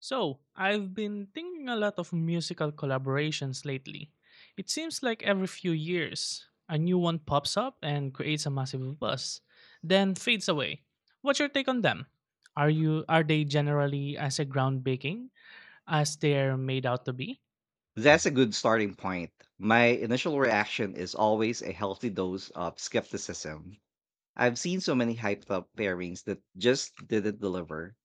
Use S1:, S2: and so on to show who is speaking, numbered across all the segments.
S1: So, I've been thinking a lot of musical collaborations lately. It seems like every few years, a new one pops up and creates a massive buzz, then fades away. What's your take on them? Are they generally as a groundbreaking as they're made out to be?
S2: That's a good starting point. My initial reaction is always a healthy dose of skepticism. I've seen so many hyped up pairings that just didn't deliver.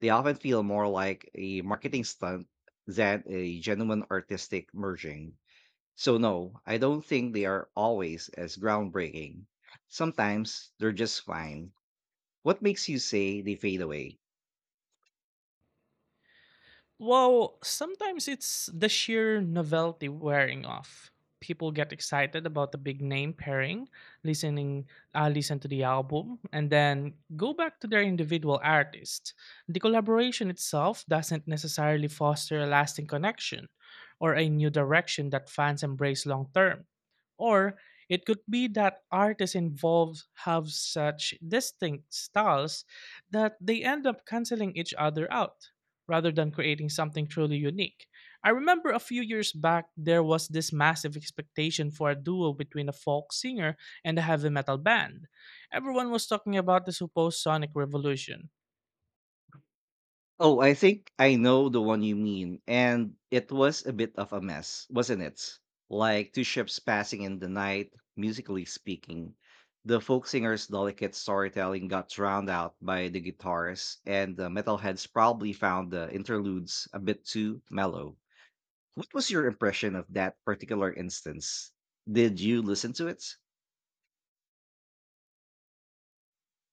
S2: They often feel more like a marketing stunt than a genuine artistic merging. So, no, I don't think they are always as groundbreaking. Sometimes they're just fine. What makes you say they fade away?
S1: Well, sometimes it's the sheer novelty wearing off. People get excited about the big name pairing, listening, listen to the album, and then go back to their individual artist. The collaboration itself doesn't necessarily foster a lasting connection or a new direction that fans embrace long term. Or it could be that artists involved have such distinct styles that they end up canceling each other out rather than creating something truly unique. I remember a few years back, there was this massive expectation for a duo between a folk singer and a heavy metal band. Everyone was talking about the supposed sonic revolution.
S2: Oh, I think I know the one you mean. And it was a bit of a mess, wasn't it? Like two ships passing in the night, musically speaking. The folk singer's delicate storytelling got drowned out by the guitarists, and the metalheads probably found the interludes a bit too mellow. What was your impression of that particular instance? Did you listen to it?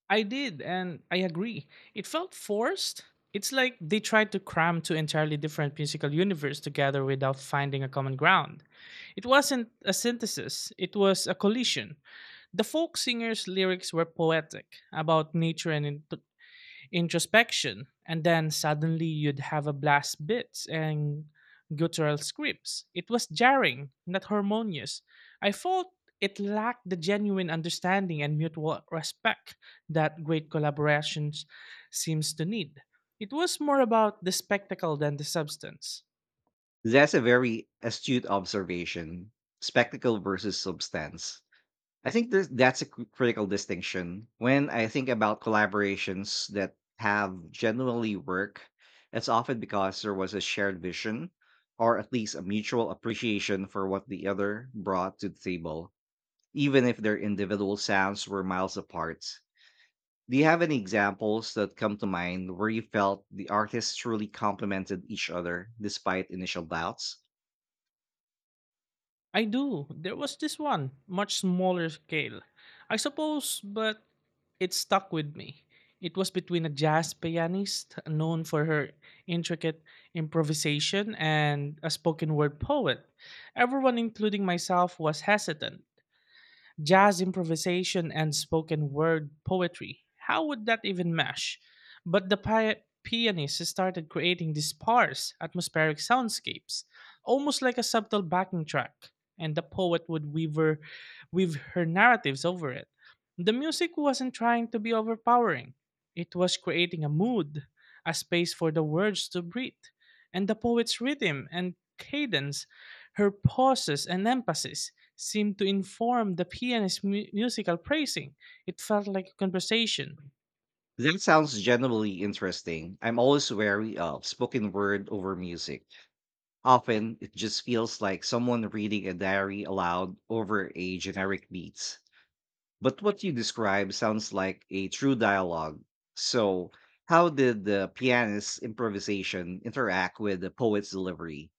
S1: I did, and I agree. It felt forced. It's like they tried to cram two entirely different musical universes together without finding a common ground. It wasn't a synthesis, it was a collision. The folk singer's lyrics were poetic, about nature and introspection, and then suddenly you'd have a blast bits and guttural scripts. It was jarring, not harmonious. I felt it lacked the genuine understanding and mutual respect that great collaborations seems to need. It was more about the spectacle than the substance.
S2: That's a very astute observation. Spectacle versus substance. I think that's a critical distinction. When I think about collaborations that have genuinely work, it's often because there was a shared vision or at least a mutual appreciation for what the other brought to the table, even if their individual sounds were miles apart. Do you have any examples that come to mind where you felt the artists truly complemented each other despite initial doubts?
S1: I do. There was this one, much smaller scale. I suppose, but it stuck with me. It was between a jazz pianist known for her intricate improvisation and a spoken word poet. Everyone, including myself, was hesitant, jazz improvisation and spoken word poetry. How would that even mesh? But the pianist started creating these sparse, atmospheric soundscapes, almost like a subtle backing track, and the poet would weave her narratives over it. The music wasn't trying to be overpowering, it was creating a mood, a space for the words to breathe, and the poet's rhythm and cadence, her pauses and emphasis seemed to inform the pianist's musical praising. It felt like a conversation.
S2: That sounds genuinely interesting. I'm always wary of spoken word over music. Often, it just feels like someone reading a diary aloud over a generic beats. But what you describe sounds like a true dialogue. So, how did the pianist's improvisation interact with the poet's delivery?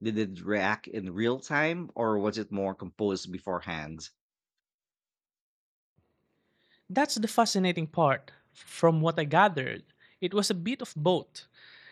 S2: Did it react in real time, or was it more composed beforehand?
S1: That's the fascinating part. From what I gathered, it was a bit of both.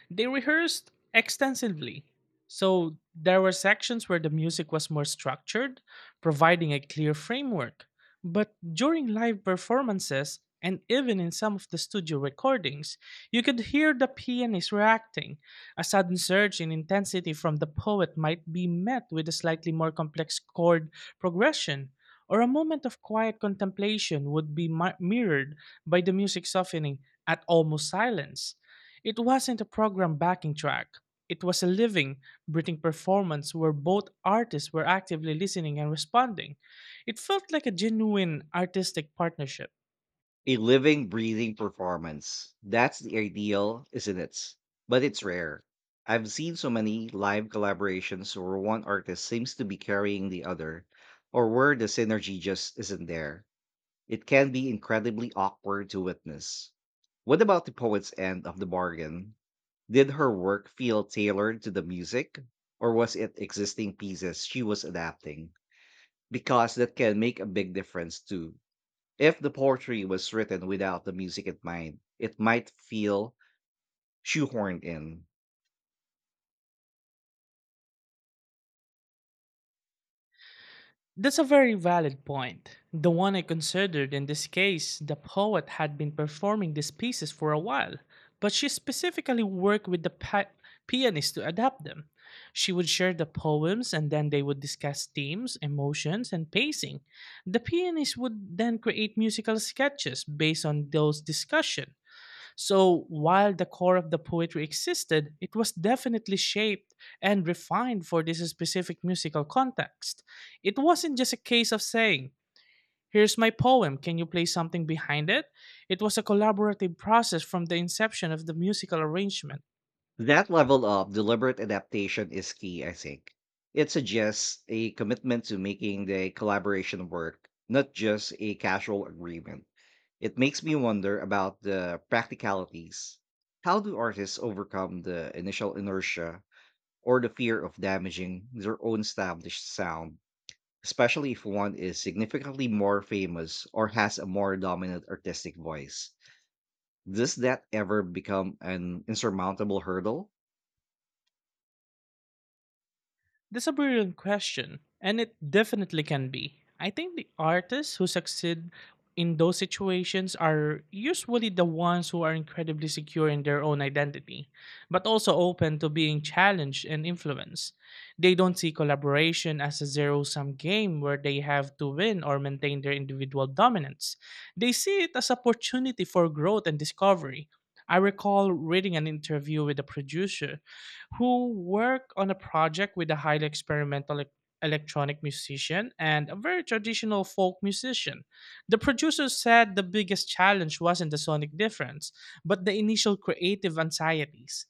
S1: They rehearsed extensively. So there were sections where the music was more structured, providing a clear framework. But during live performances, and even in some of the studio recordings, you could hear the pianist reacting. A sudden surge in intensity from the poet might be met with a slightly more complex chord progression, or a moment of quiet contemplation would be mirrored by the music softening at almost silence. It wasn't a program backing track. It was a living, breathing performance where both artists were actively listening and responding. It felt like a genuine artistic partnership.
S2: A living, breathing performance. That's the ideal, isn't it? But it's rare. I've seen so many live collaborations where one artist seems to be carrying the other, or where the synergy just isn't there. It can be incredibly awkward to witness. What about the poet's end of the bargain? Did her work feel tailored to the music, or was it existing pieces she was adapting? Because that can make a big difference too. If the poetry was written without the music in mind, it might feel shoehorned in.
S1: That's a very valid point. The one I considered in this case, the poet had been performing these pieces for a while, but she specifically worked with the pianist to adapt them. She would share the poems and then they would discuss themes, emotions, and pacing. The pianist would then create musical sketches based on those discussions, so while the core of the poetry existed, it was definitely shaped and refined for this specific musical context. It wasn't just a case of saying, "Here's my poem, can you play something behind it?" It was a collaborative process from the inception of the musical arrangement.
S2: That level of deliberate adaptation is key, I think. It suggests a commitment to making the collaboration work, not just a casual agreement. It makes me wonder about the practicalities. How do artists overcome the initial inertia or the fear of damaging their own established sound, especially if one is significantly more famous or has a more dominant artistic voice? Does that ever become an insurmountable hurdle?
S1: That's a brilliant question, and it definitely can be. I think the artists who succeed in those situations are usually the ones who are incredibly secure in their own identity, but also open to being challenged and influenced. They don't see collaboration as a zero sum game where they have to win or maintain their individual dominance. They see it as opportunity for growth and discovery. I recall reading an interview with a producer who worked on a project with a highly experimental electronic musician and a very traditional folk musician. The producers said the biggest challenge wasn't the sonic difference, but the initial creative anxieties.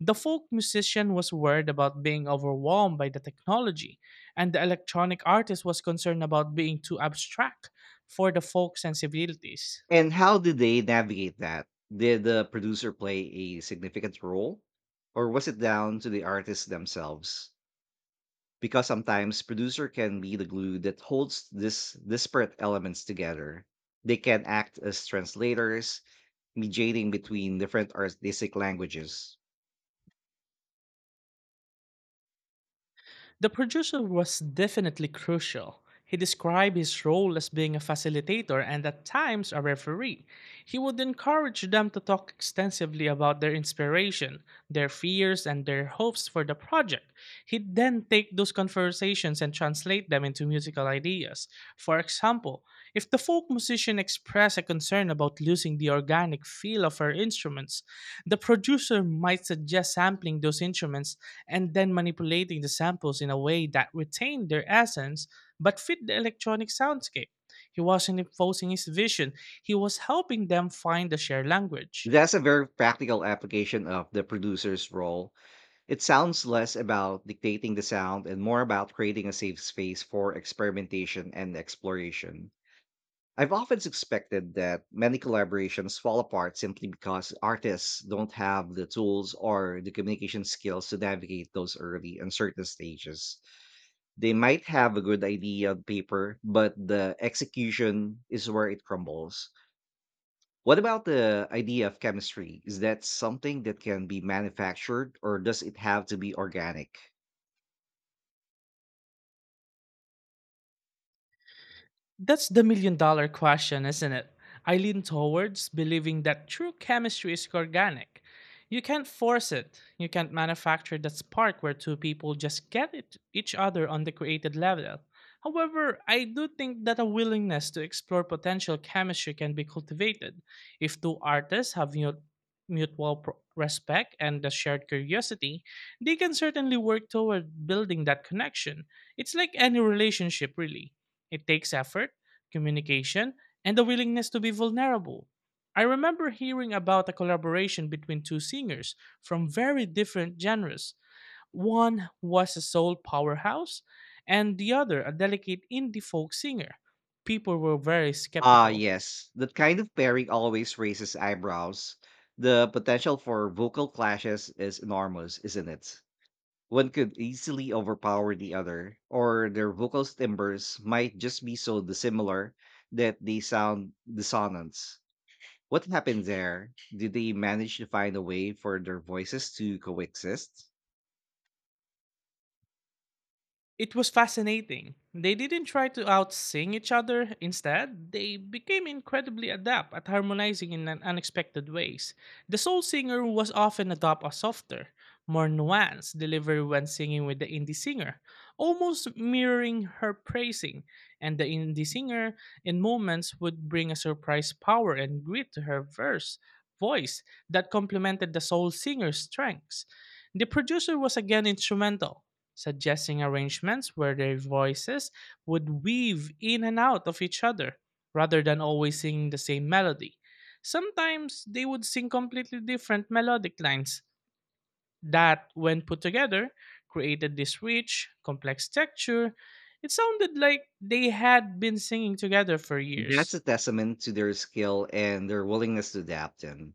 S1: The folk musician was worried about being overwhelmed by the technology, and the electronic artist was concerned about being too abstract for the folk sensibilities.
S2: And how did they navigate that? Did the producer play a significant role? Or was it down to the artists themselves? Because sometimes producer can be the glue that holds this disparate elements together. They can act as translators, mediating between different artistic languages.
S1: The producer was definitely crucial. He described his role as being a facilitator and at times a referee. He would encourage them to talk extensively about their inspiration, their fears, and their hopes for the project. He'd then take those conversations and translate them into musical ideas. For example, if the folk musician expressed a concern about losing the organic feel of her instruments, the producer might suggest sampling those instruments and then manipulating the samples in a way that retained their essence but fit the electronic soundscape. He wasn't imposing his vision, he was helping them find a shared language.
S2: That's a very practical application of the producer's role. It sounds less about dictating the sound and more about creating a safe space for experimentation and exploration. I've often suspected that many collaborations fall apart simply because artists don't have the tools or the communication skills to navigate those early uncertain stages. They might have a good idea on paper, but the execution is where it crumbles. What about the idea of chemistry? Is that something that can be manufactured or does it have to be organic?
S1: That's the million dollar question, isn't it? I lean towards believing that true chemistry is organic. You can't force it. You can't manufacture that spark where two people just get it, each other on the created level. However, I do think that a willingness to explore potential chemistry can be cultivated if two artists have mutual respect and a shared curiosity. They can certainly work toward building that connection. It's like any relationship, really, it takes effort, communication, and the willingness to be vulnerable. I remember hearing about a collaboration between two singers from very different genres. One was a soul powerhouse, and the other a delicate indie folk singer. People were very
S2: Ah,
S1: skeptical.
S2: yes. That kind of pairing always raises eyebrows. The potential for vocal clashes is enormous, isn't it? One could easily overpower the other, or their vocal timbres might just be so dissimilar that they sound dissonant. What happened there? Did they manage to find a way for their voices to coexist?
S1: It was fascinating. They didn't try to outsing each other. Instead, they became incredibly adept at harmonizing in an unexpected ways. The soul singer was often adopt a softer, more nuanced delivery when singing with the indie singer, almost mirroring her praising, and the indie singer in moments would bring a surprise power and grit to her verse voice that complemented the soul singer's strengths. The producer was again instrumental, suggesting arrangements where their voices would weave in and out of each other rather than always singing the same melody. Sometimes they would sing completely different melodic lines that, when put together, created this rich, complex texture. It sounded like they had been singing together for
S2: That's
S1: years.
S2: a testament to their skill and their willingness to adapt. And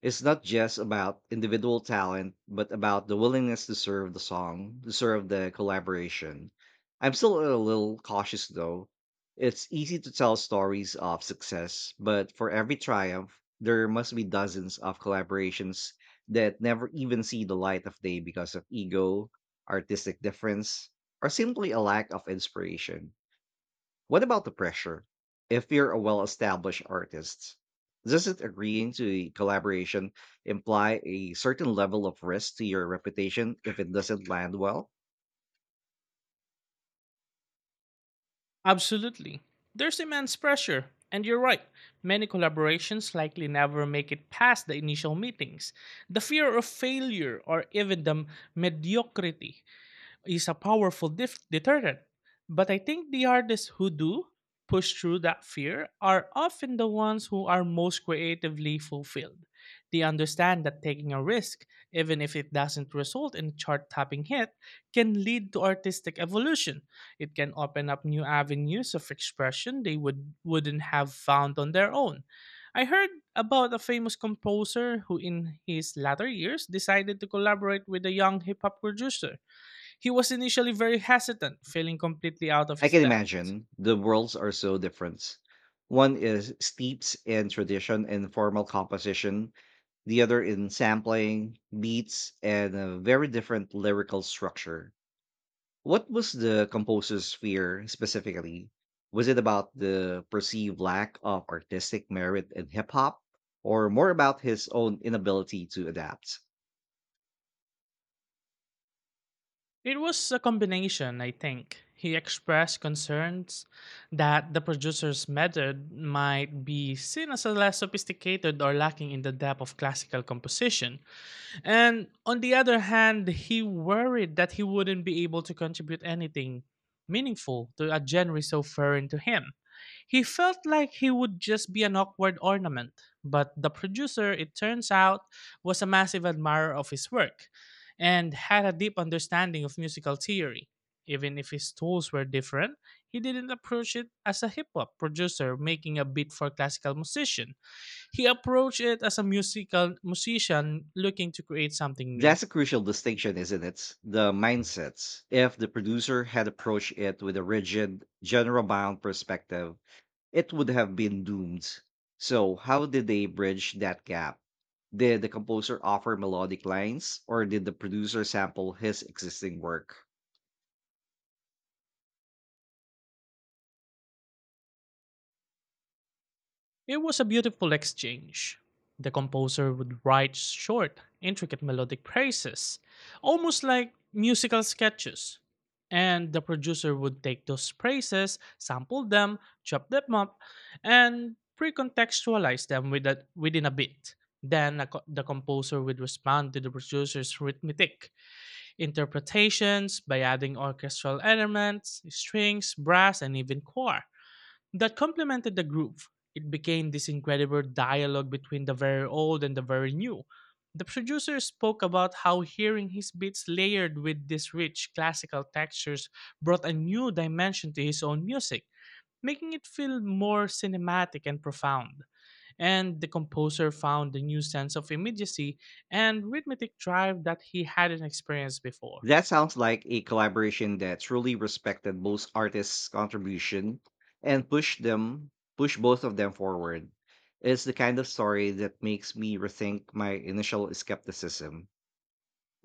S2: it's not just about individual talent, but about the willingness to serve the song, to serve the collaboration. I'm still a little cautious though. It's easy to tell stories of success, but for every triumph, there must be dozens of collaborations that never even see the light of day because of ego, artistic difference, or simply a lack of inspiration. What about the pressure? If you're a well established artist, doesn't agreeing to a collaboration imply a certain level of risk to your reputation if it doesn't land well?
S1: Absolutely. There's immense pressure, and you're right. Many collaborations likely never make it past the initial meetings. The fear of failure or even the mediocrity is a powerful deterrent. But I think the artists who do push through that fear are often the ones who are most creatively fulfilled. They understand that taking a risk, even if it doesn't result in a chart topping hit, can lead to artistic evolution. It can open up new avenues of expression they wouldn't have found on their own. I heard about a famous composer who, in his latter years, decided to collaborate with a young hip hop producer. He was initially very hesitant, feeling completely out of
S2: I
S1: his
S2: can
S1: depth.
S2: imagine the worlds are so different. One is steeped in tradition and formal composition, the other in sampling, beats, and a very different lyrical structure. What was the composer's fear specifically? Was it about the perceived lack of artistic merit in hip hop or more about his own inability to adapt?
S1: It was a combination, I think. He expressed concerns that the producer's method might be seen as a less sophisticated or lacking in the depth of classical composition. And on the other hand, he worried that he wouldn't be able to contribute anything meaningful to a genre so foreign to him. He felt like he would just be an awkward ornament, but the producer, it turns out, was a massive admirer of his work and had a deep understanding of musical theory. Even if his tools were different, he didn't approach it as a hip hop producer making a beat for classical musician. He approached it as a musical musician looking to create something new.
S2: That's a crucial distinction, isn't it? The mindsets. If the producer had approached it with a rigid, general bound perspective, it would have been doomed. So, how did they bridge that gap? Did the composer offer melodic lines or did the producer sample his existing work?
S1: It was a beautiful exchange. The composer would write short, intricate melodic praises, almost like musical sketches. And the producer would take those praises, sample them, chop them up, and pre-contextualize them within a beat. The composer would respond to the producer's rhythmic interpretations by adding orchestral elements, strings, brass, and even choir that complemented the groove. It became this incredible dialogue between the very old and the very new. The producer spoke about how hearing his beats layered with these rich classical textures brought a new dimension to his own music, making it feel more cinematic and profound. And the composer found a new sense of immediacy and rhythmic drive that he hadn't experienced before.
S2: That sounds like a collaboration that truly respected both artists' contribution and push both of them forward. It's the kind of story that makes me rethink my initial skepticism.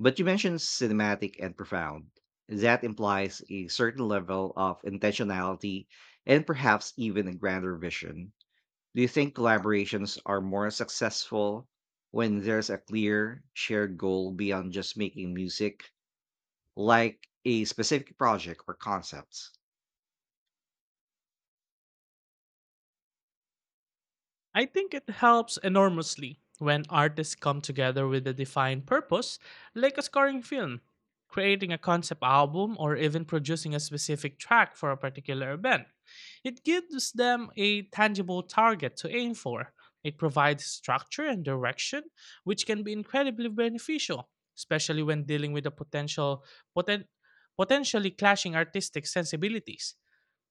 S2: But you mentioned cinematic and profound. That implies a certain level of intentionality and perhaps even a grander vision. Do you think collaborations are more successful when there's a clear shared goal beyond just making music, like a specific project or concepts?
S1: I think it helps enormously when artists come together with a defined purpose, like a scoring film, creating a concept album, or even producing a specific track for a particular event. It gives them a tangible target to aim for. It provides structure and direction, which can be incredibly beneficial, especially when dealing with the poten- potentially clashing artistic sensibilities.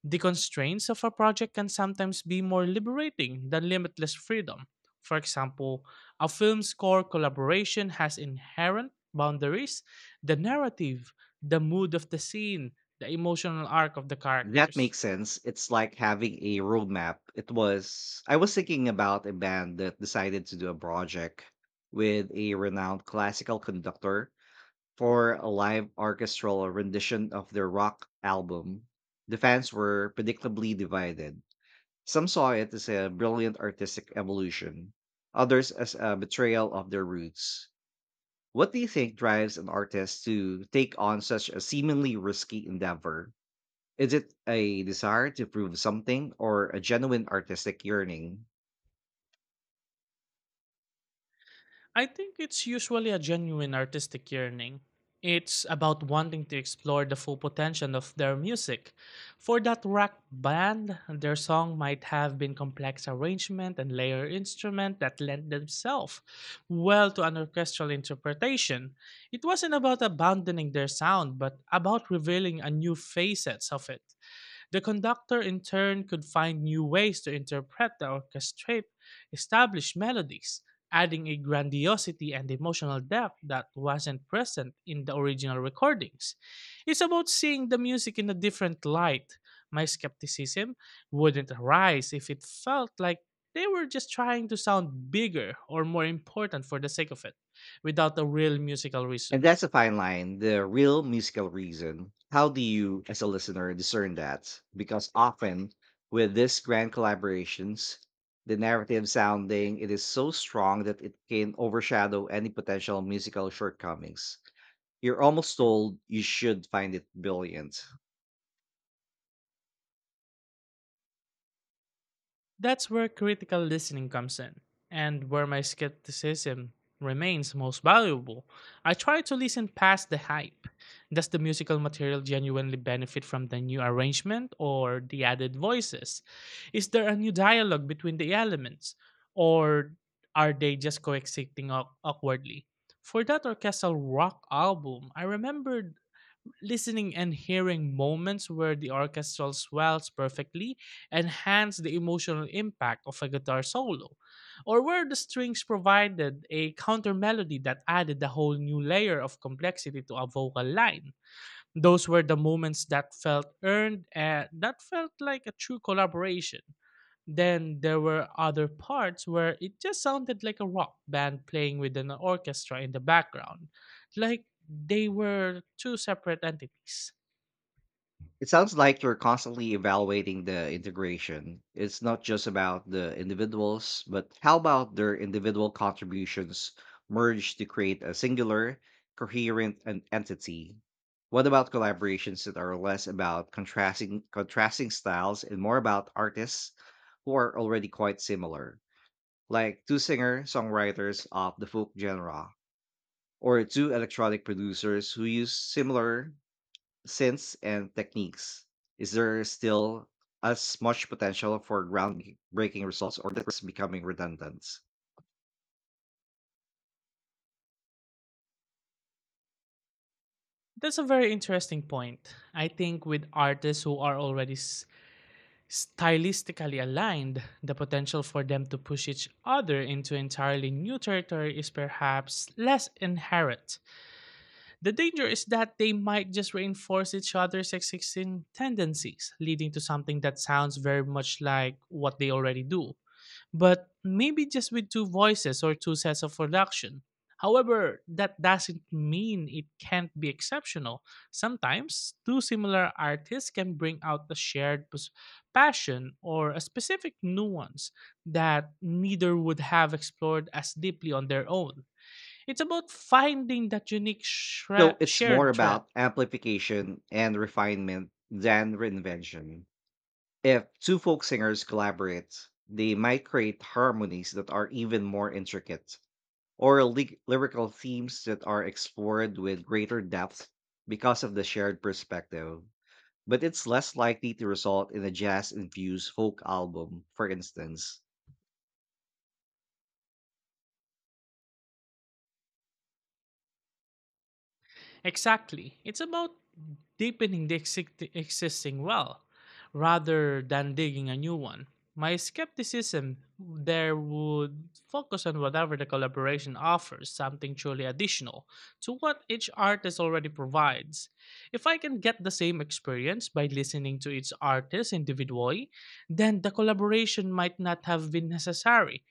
S1: The constraints of a project can sometimes be more liberating than limitless freedom. For example, a film score collaboration has inherent boundaries, the narrative, the mood of the scene, the emotional arc of the
S2: That
S1: characters.
S2: makes sense. It's like having a roadmap. It was I was thinking about a band that decided to do a project with a renowned classical conductor for a live orchestral rendition of their rock album. The fans were predictably divided. Some saw it as a brilliant artistic evolution, others as a betrayal of their roots. What do you think drives an artist to take on such a seemingly risky endeavor? Is it a desire to prove something or a genuine artistic yearning?
S1: I think it's usually a genuine artistic yearning. It's about wanting to explore the full potential of their music. For that rock band, their song might have been complex arrangement and layer instrument that lent themselves well to an orchestral interpretation. It wasn't about abandoning their sound, but about revealing a new facets of it. The conductor in turn could find new ways to interpret the orchestrate established melodies, adding a grandiosity and emotional depth that wasn't present in the original recordings. It's about seeing the music in a different light. My skepticism wouldn't arise if it felt like they were just trying to sound bigger or more important for the sake of it, without a real musical
S2: And
S1: reason.
S2: that's a fine line, the real musical reason. How do you, as a listener, discern that? Because often with these grand collaborations, the narrative sounding it is so strong that it can overshadow any potential musical shortcomings. You're almost told you should find it brilliant.
S1: That's where critical listening comes in, and where my skepticism remains most valuable. I try to listen past the hype. Does the musical material genuinely benefit from the new arrangement or the added voices? Is there a new dialogue between the elements, or are they just coexisting awkwardly? For that orchestral rock album, I remember listening and hearing moments where the orchestral swells perfectly enhance the emotional impact of a guitar solo, or where the strings provided a counter melody that added a whole new layer of complexity to a vocal line. Those were the moments that felt earned and that felt like a true collaboration. Then there were other parts where it just sounded like a rock band playing with an orchestra in the background, like they were two separate entities.
S2: It sounds like you're constantly evaluating the integration. It's not just about the individuals, but how about their individual contributions merged to create a singular, coherent entity? What about collaborations that are less about contrasting styles and more about artists who are already quite similar, like two singer-songwriters of the folk genre or two electronic producers who use similar synths and techniques? Is there still as much potential for groundbreaking results or that's becoming redundant?
S1: That's a very interesting point. I think with artists who are already stylistically aligned, the potential for them to push each other into entirely new territory is perhaps less inherent. The danger is that they might just reinforce each other's existing tendencies, leading to something that sounds very much like what they already do, but maybe just with two voices or two sets of production. However, that doesn't mean it can't be exceptional. Sometimes, two similar artists can bring out a shared passion or a specific nuance that neither would have explored as deeply on their own. It's about finding that unique
S2: So it's more
S1: shared thread.
S2: about amplification and refinement than reinvention. If two folk singers collaborate, they might create harmonies that are even more intricate or lyrical themes that are explored with greater depth because of the shared perspective, but it's less likely to result in a jazz-infused folk album, for instance.
S1: Exactly. It's about deepening the existing well rather than digging a new one. My skepticism there would focus on whatever the collaboration offers, something truly additional to what each artist already provides. If I can get the same experience by listening to each artist individually, then the collaboration might not have been necessary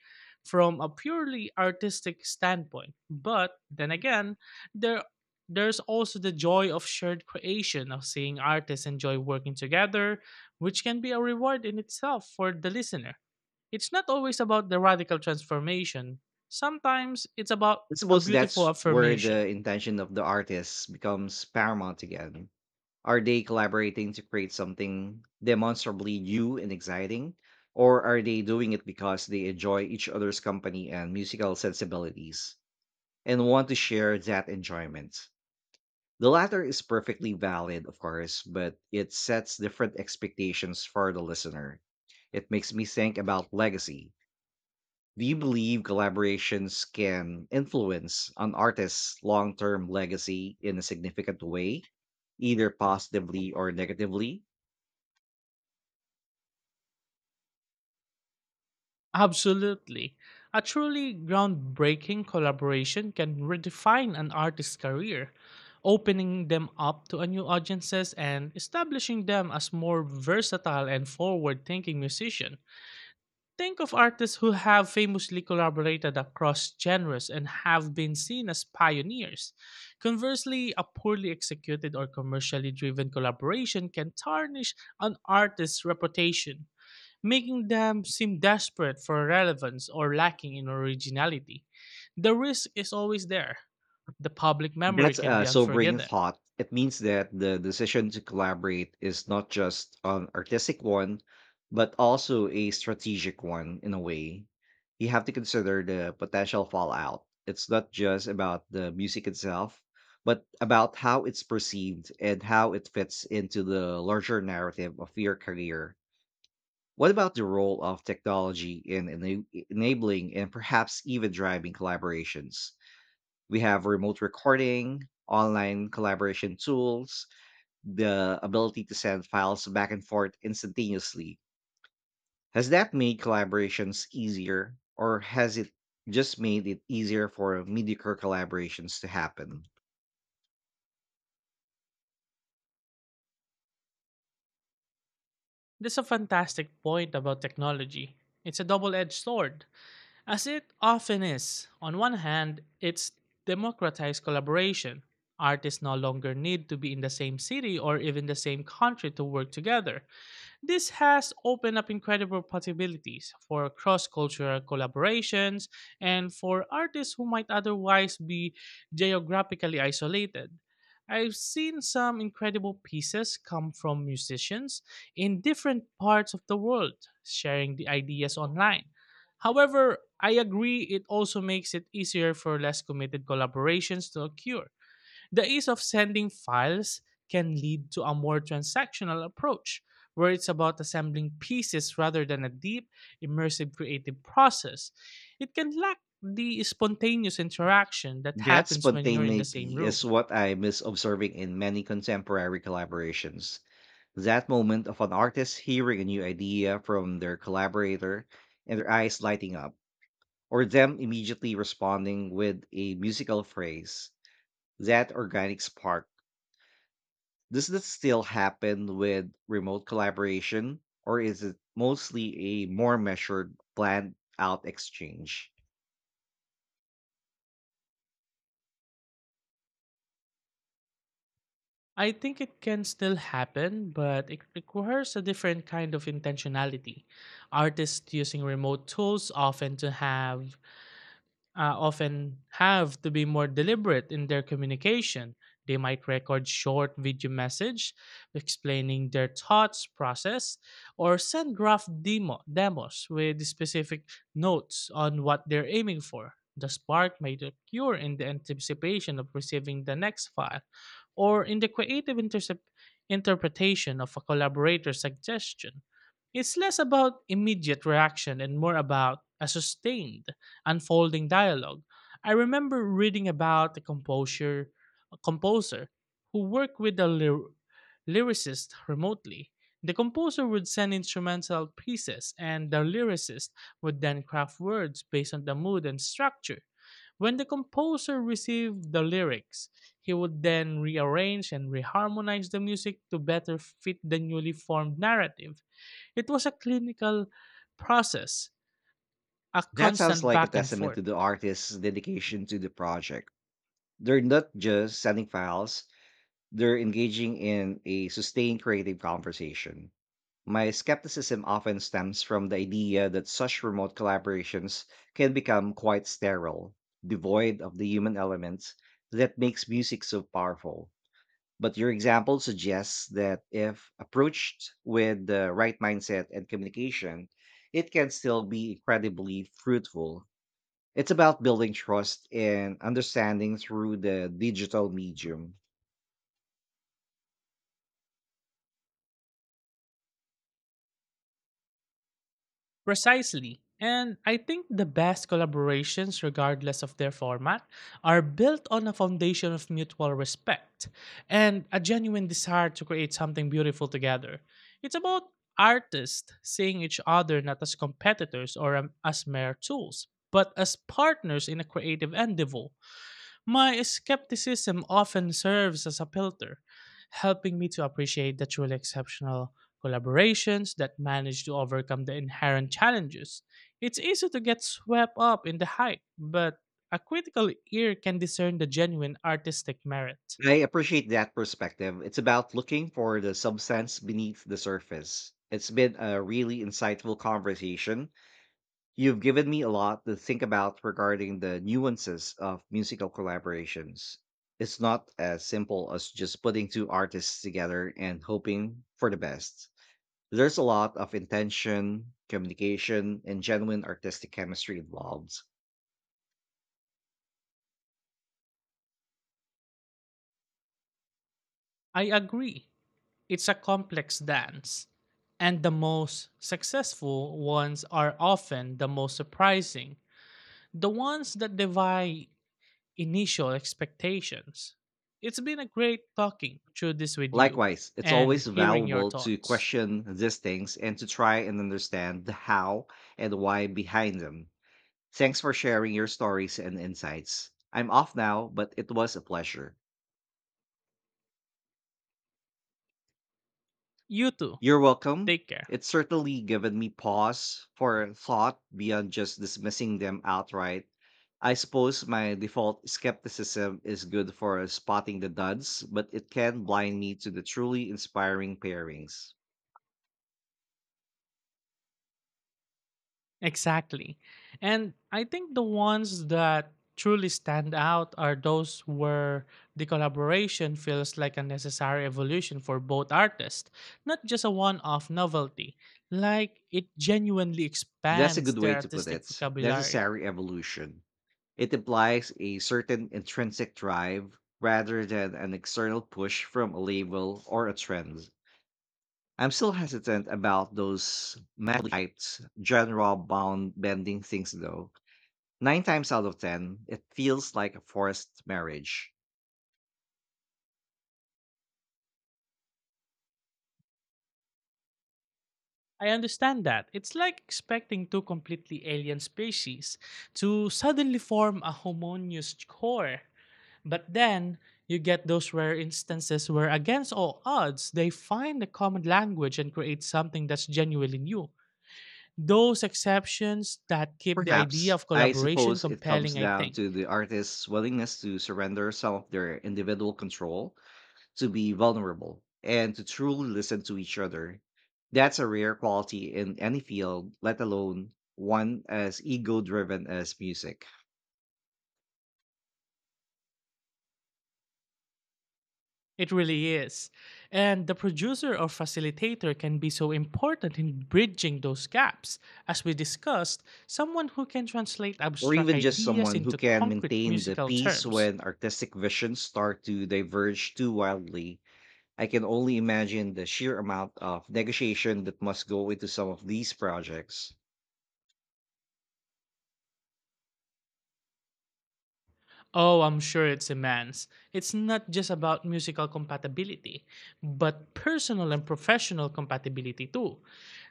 S1: from a purely artistic standpoint. But then again, there there's also the joy of shared creation, of seeing artists enjoy working together, which can be a reward in itself for the listener. It's not always about the radical transformation, sometimes it's about
S2: I
S1: a
S2: suppose
S1: beautiful
S2: that's where
S1: affirmation.
S2: the intention of the artist becomes paramount again. Are they collaborating to create something demonstrably new and exciting? Or are they doing it because they enjoy each other's company and musical sensibilities and want to share that enjoyment? The latter is perfectly valid, of course, but it sets different expectations for the listener. It makes me think about legacy. Do you believe collaborations can influence an artist's long term legacy in a significant way, either positively or negatively?
S1: Absolutely. A truly groundbreaking collaboration can redefine an artist's career, opening them up to a new audiences and establishing them as more versatile and forward-thinking musicians. Think of artists who have famously collaborated across genres and have been seen as pioneers. Conversely, a poorly executed or commercially driven collaboration can tarnish an artist's reputation, making them seem desperate for relevance or lacking in originality. The risk is always there. The public memory
S2: That's
S1: can be
S2: a sobering
S1: unforgiving.
S2: thought. It means that the decision to collaborate is not just an artistic one, but also a strategic one in a way. You have to consider the potential fallout. It's not just about the music itself, but about how it's perceived and how it fits into the larger narrative of your career. What about the role of technology in enabling and perhaps even driving collaborations? We have remote recording, online collaboration tools, the ability to send files back and forth instantaneously. Has that made collaborations easier, or has it just made it easier for mediocre collaborations to happen?
S1: That's a fantastic point about technology. It's a double edged sword, as it often is. On one hand, it's democratized collaboration. Artists no longer need to be in the same city or even the same country to work together. This has opened up incredible possibilities for cross cultural collaborations and for artists who might otherwise be geographically isolated. I've seen some incredible pieces come from musicians in different parts of the world sharing the ideas online. However, I agree it also makes it easier for less committed collaborations to occur the ease of sending files can lead to a more transactional approach, where it's about assembling pieces rather than a deep, immersive creative process. It can lack the spontaneous interaction that
S2: That
S1: happens when you're in the same
S2: spontaneity is
S1: room.
S2: what I miss observing in many contemporary collaborations. That moment of an artist hearing a new idea from their collaborator and their eyes lighting up or them immediately responding with a musical phrase, that organic spark, does this still happen with remote collaboration, or is it mostly a more measured, planned out exchange?
S1: I think it can still happen, but it requires a different kind of intentionality. Artists using remote tools often to have often have to be more deliberate in their communication. They might record short video message explaining their thoughts process or send graph demos with specific notes on what they're aiming for. The spark might occur in the anticipation of receiving the next file or in the creative interpretation of a collaborator's suggestion. It's less about immediate reaction and more about a sustained unfolding dialogue. I remember reading about a composer who worked with a lyricist remotely. The composer would send instrumental pieces, and the lyricist would then craft words based on the mood and structure. When the composer received the lyrics, he would then rearrange and reharmonize the music to better fit the newly formed narrative. It was a clinical process, a
S2: That sounds
S1: constant
S2: like a
S1: back and
S2: testament
S1: forth.
S2: to the artist's dedication to the project. They're not just sending files, they're engaging in a sustained creative conversation. My skepticism often stems from the idea that such remote collaborations can become quite sterile, devoid of the human element that makes music so powerful. But your example suggests that if approached with the right mindset and communication, it can still be incredibly fruitful. It's about building trust and understanding through the digital medium.
S1: Precisely. And I think the best collaborations, regardless of their format, are built on a foundation of mutual respect and a genuine desire to create something beautiful together. It's about artists seeing each other not as competitors or as mere tools, but as partners in a creative endeavor. My skepticism often serves as a filter, helping me to appreciate the truly exceptional collaborations that manage to overcome the inherent challenges. It's easy to get swept up in the hype, but a critical ear can discern the genuine artistic merit.
S2: I appreciate that perspective. It's about looking for the substance beneath the surface. It's been a really insightful conversation. You've given me a lot to think about regarding the nuances of musical collaborations. It's not as simple as just putting two artists together and hoping for the best. There's a lot of intention, communication, and genuine artistic chemistry involved.
S1: I agree. It's a complex dance, and the most successful ones are often the most surprising, the ones that defy initial expectations. It's been a great talking through this with you
S2: Likewise, it's
S1: and
S2: always
S1: hearing your
S2: valuable to
S1: thoughts.
S2: question these things and to try and understand the how and why behind them. Thanks for sharing your stories and insights. I'm off now, but it was a pleasure.
S1: You too.
S2: You're welcome.
S1: Take care.
S2: It's certainly given me pause for thought beyond just dismissing them outright. I suppose my default skepticism is good for spotting the duds, but it can blind me to the truly inspiring pairings.
S1: Exactly. And I think the ones that truly stand out are those where the collaboration feels like a necessary evolution for both artists, not just a one off novelty. Like it genuinely
S2: That's a
S1: expands
S2: good
S1: their
S2: way to put
S1: artistic
S2: it.
S1: vocabulary.
S2: Necessary evolution. It implies a certain intrinsic drive rather than an external push from a label or a trend. I'm still hesitant about those mad-hyped, general bound bending things though. Nine times out of ten, it feels like a forced marriage.
S1: I understand that. It's like expecting two completely alien species to suddenly form a homogeneous core. But then you get those rare instances where, against all odds, they find a common language and create something that's genuinely new. Those exceptions that keep the idea
S2: Perhaps,
S1: of
S2: I
S1: collaboration
S2: suppose it comes
S1: compelling, I
S2: down
S1: think.
S2: to the artist's willingness to surrender some of their individual control, to be vulnerable and to truly listen to each other. That's a rare quality in any field, let alone one as ego driven as music,
S1: It really is. And the producer or facilitator can be so important in bridging those gaps. As we discussed, someone who can translate
S2: or
S1: abstract
S2: even just
S1: ideas
S2: someone who
S1: into
S2: can
S1: concrete
S2: maintain the
S1: musical
S2: peace
S1: terms.
S2: when artistic visions start to diverge too wildly. I can only imagine the sheer amount of negotiation that must go into some of these projects.
S1: Oh, I'm sure it's immense. It's not just about musical compatibility, but personal and professional compatibility too.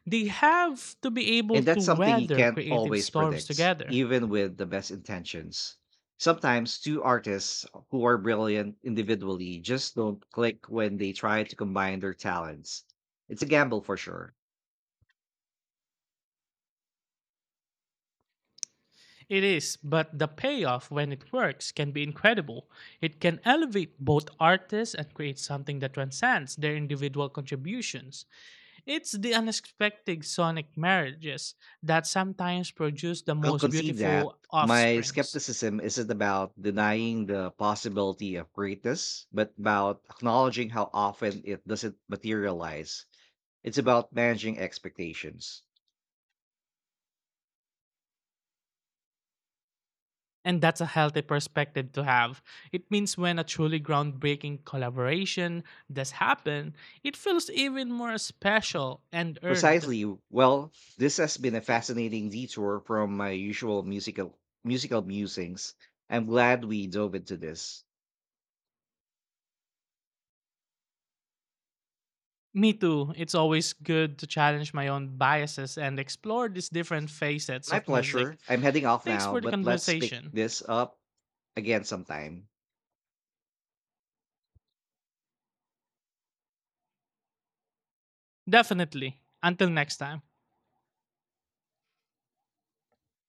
S1: They have to be able
S2: And
S1: to
S2: that's something you
S1: weather
S2: can't
S1: creative
S2: always
S1: storms
S2: predict,
S1: together.
S2: even with the best intentions. Sometimes two artists who are brilliant individually just don't click when they try to combine their talents. It's a gamble for sure.
S1: It is, but the payoff when it works can be incredible. It can elevate both artists and create something that transcends their individual contributions. It's the unexpected sonic marriages that sometimes produce the
S2: I'll
S1: most
S2: concede that.
S1: beautiful
S2: My
S1: offsprings.
S2: skepticism isn't about denying the possibility of greatness, but about acknowledging how often it doesn't materialize. It's about managing expectations.
S1: And that's a healthy perspective to have. It means when a truly groundbreaking collaboration does happen, it feels even more special and earned.
S2: Precisely. Well, this has been a fascinating detour from my usual musical musings. I'm glad we dove into this.
S1: Me too, it's always good to challenge my own biases and explore these different facets
S2: My
S1: of
S2: pleasure.
S1: music.
S2: I'm heading off
S1: Thanks
S2: now,
S1: for the
S2: but let's pick
S1: conversation.
S2: this up again sometime.
S1: Definitely. Until next time.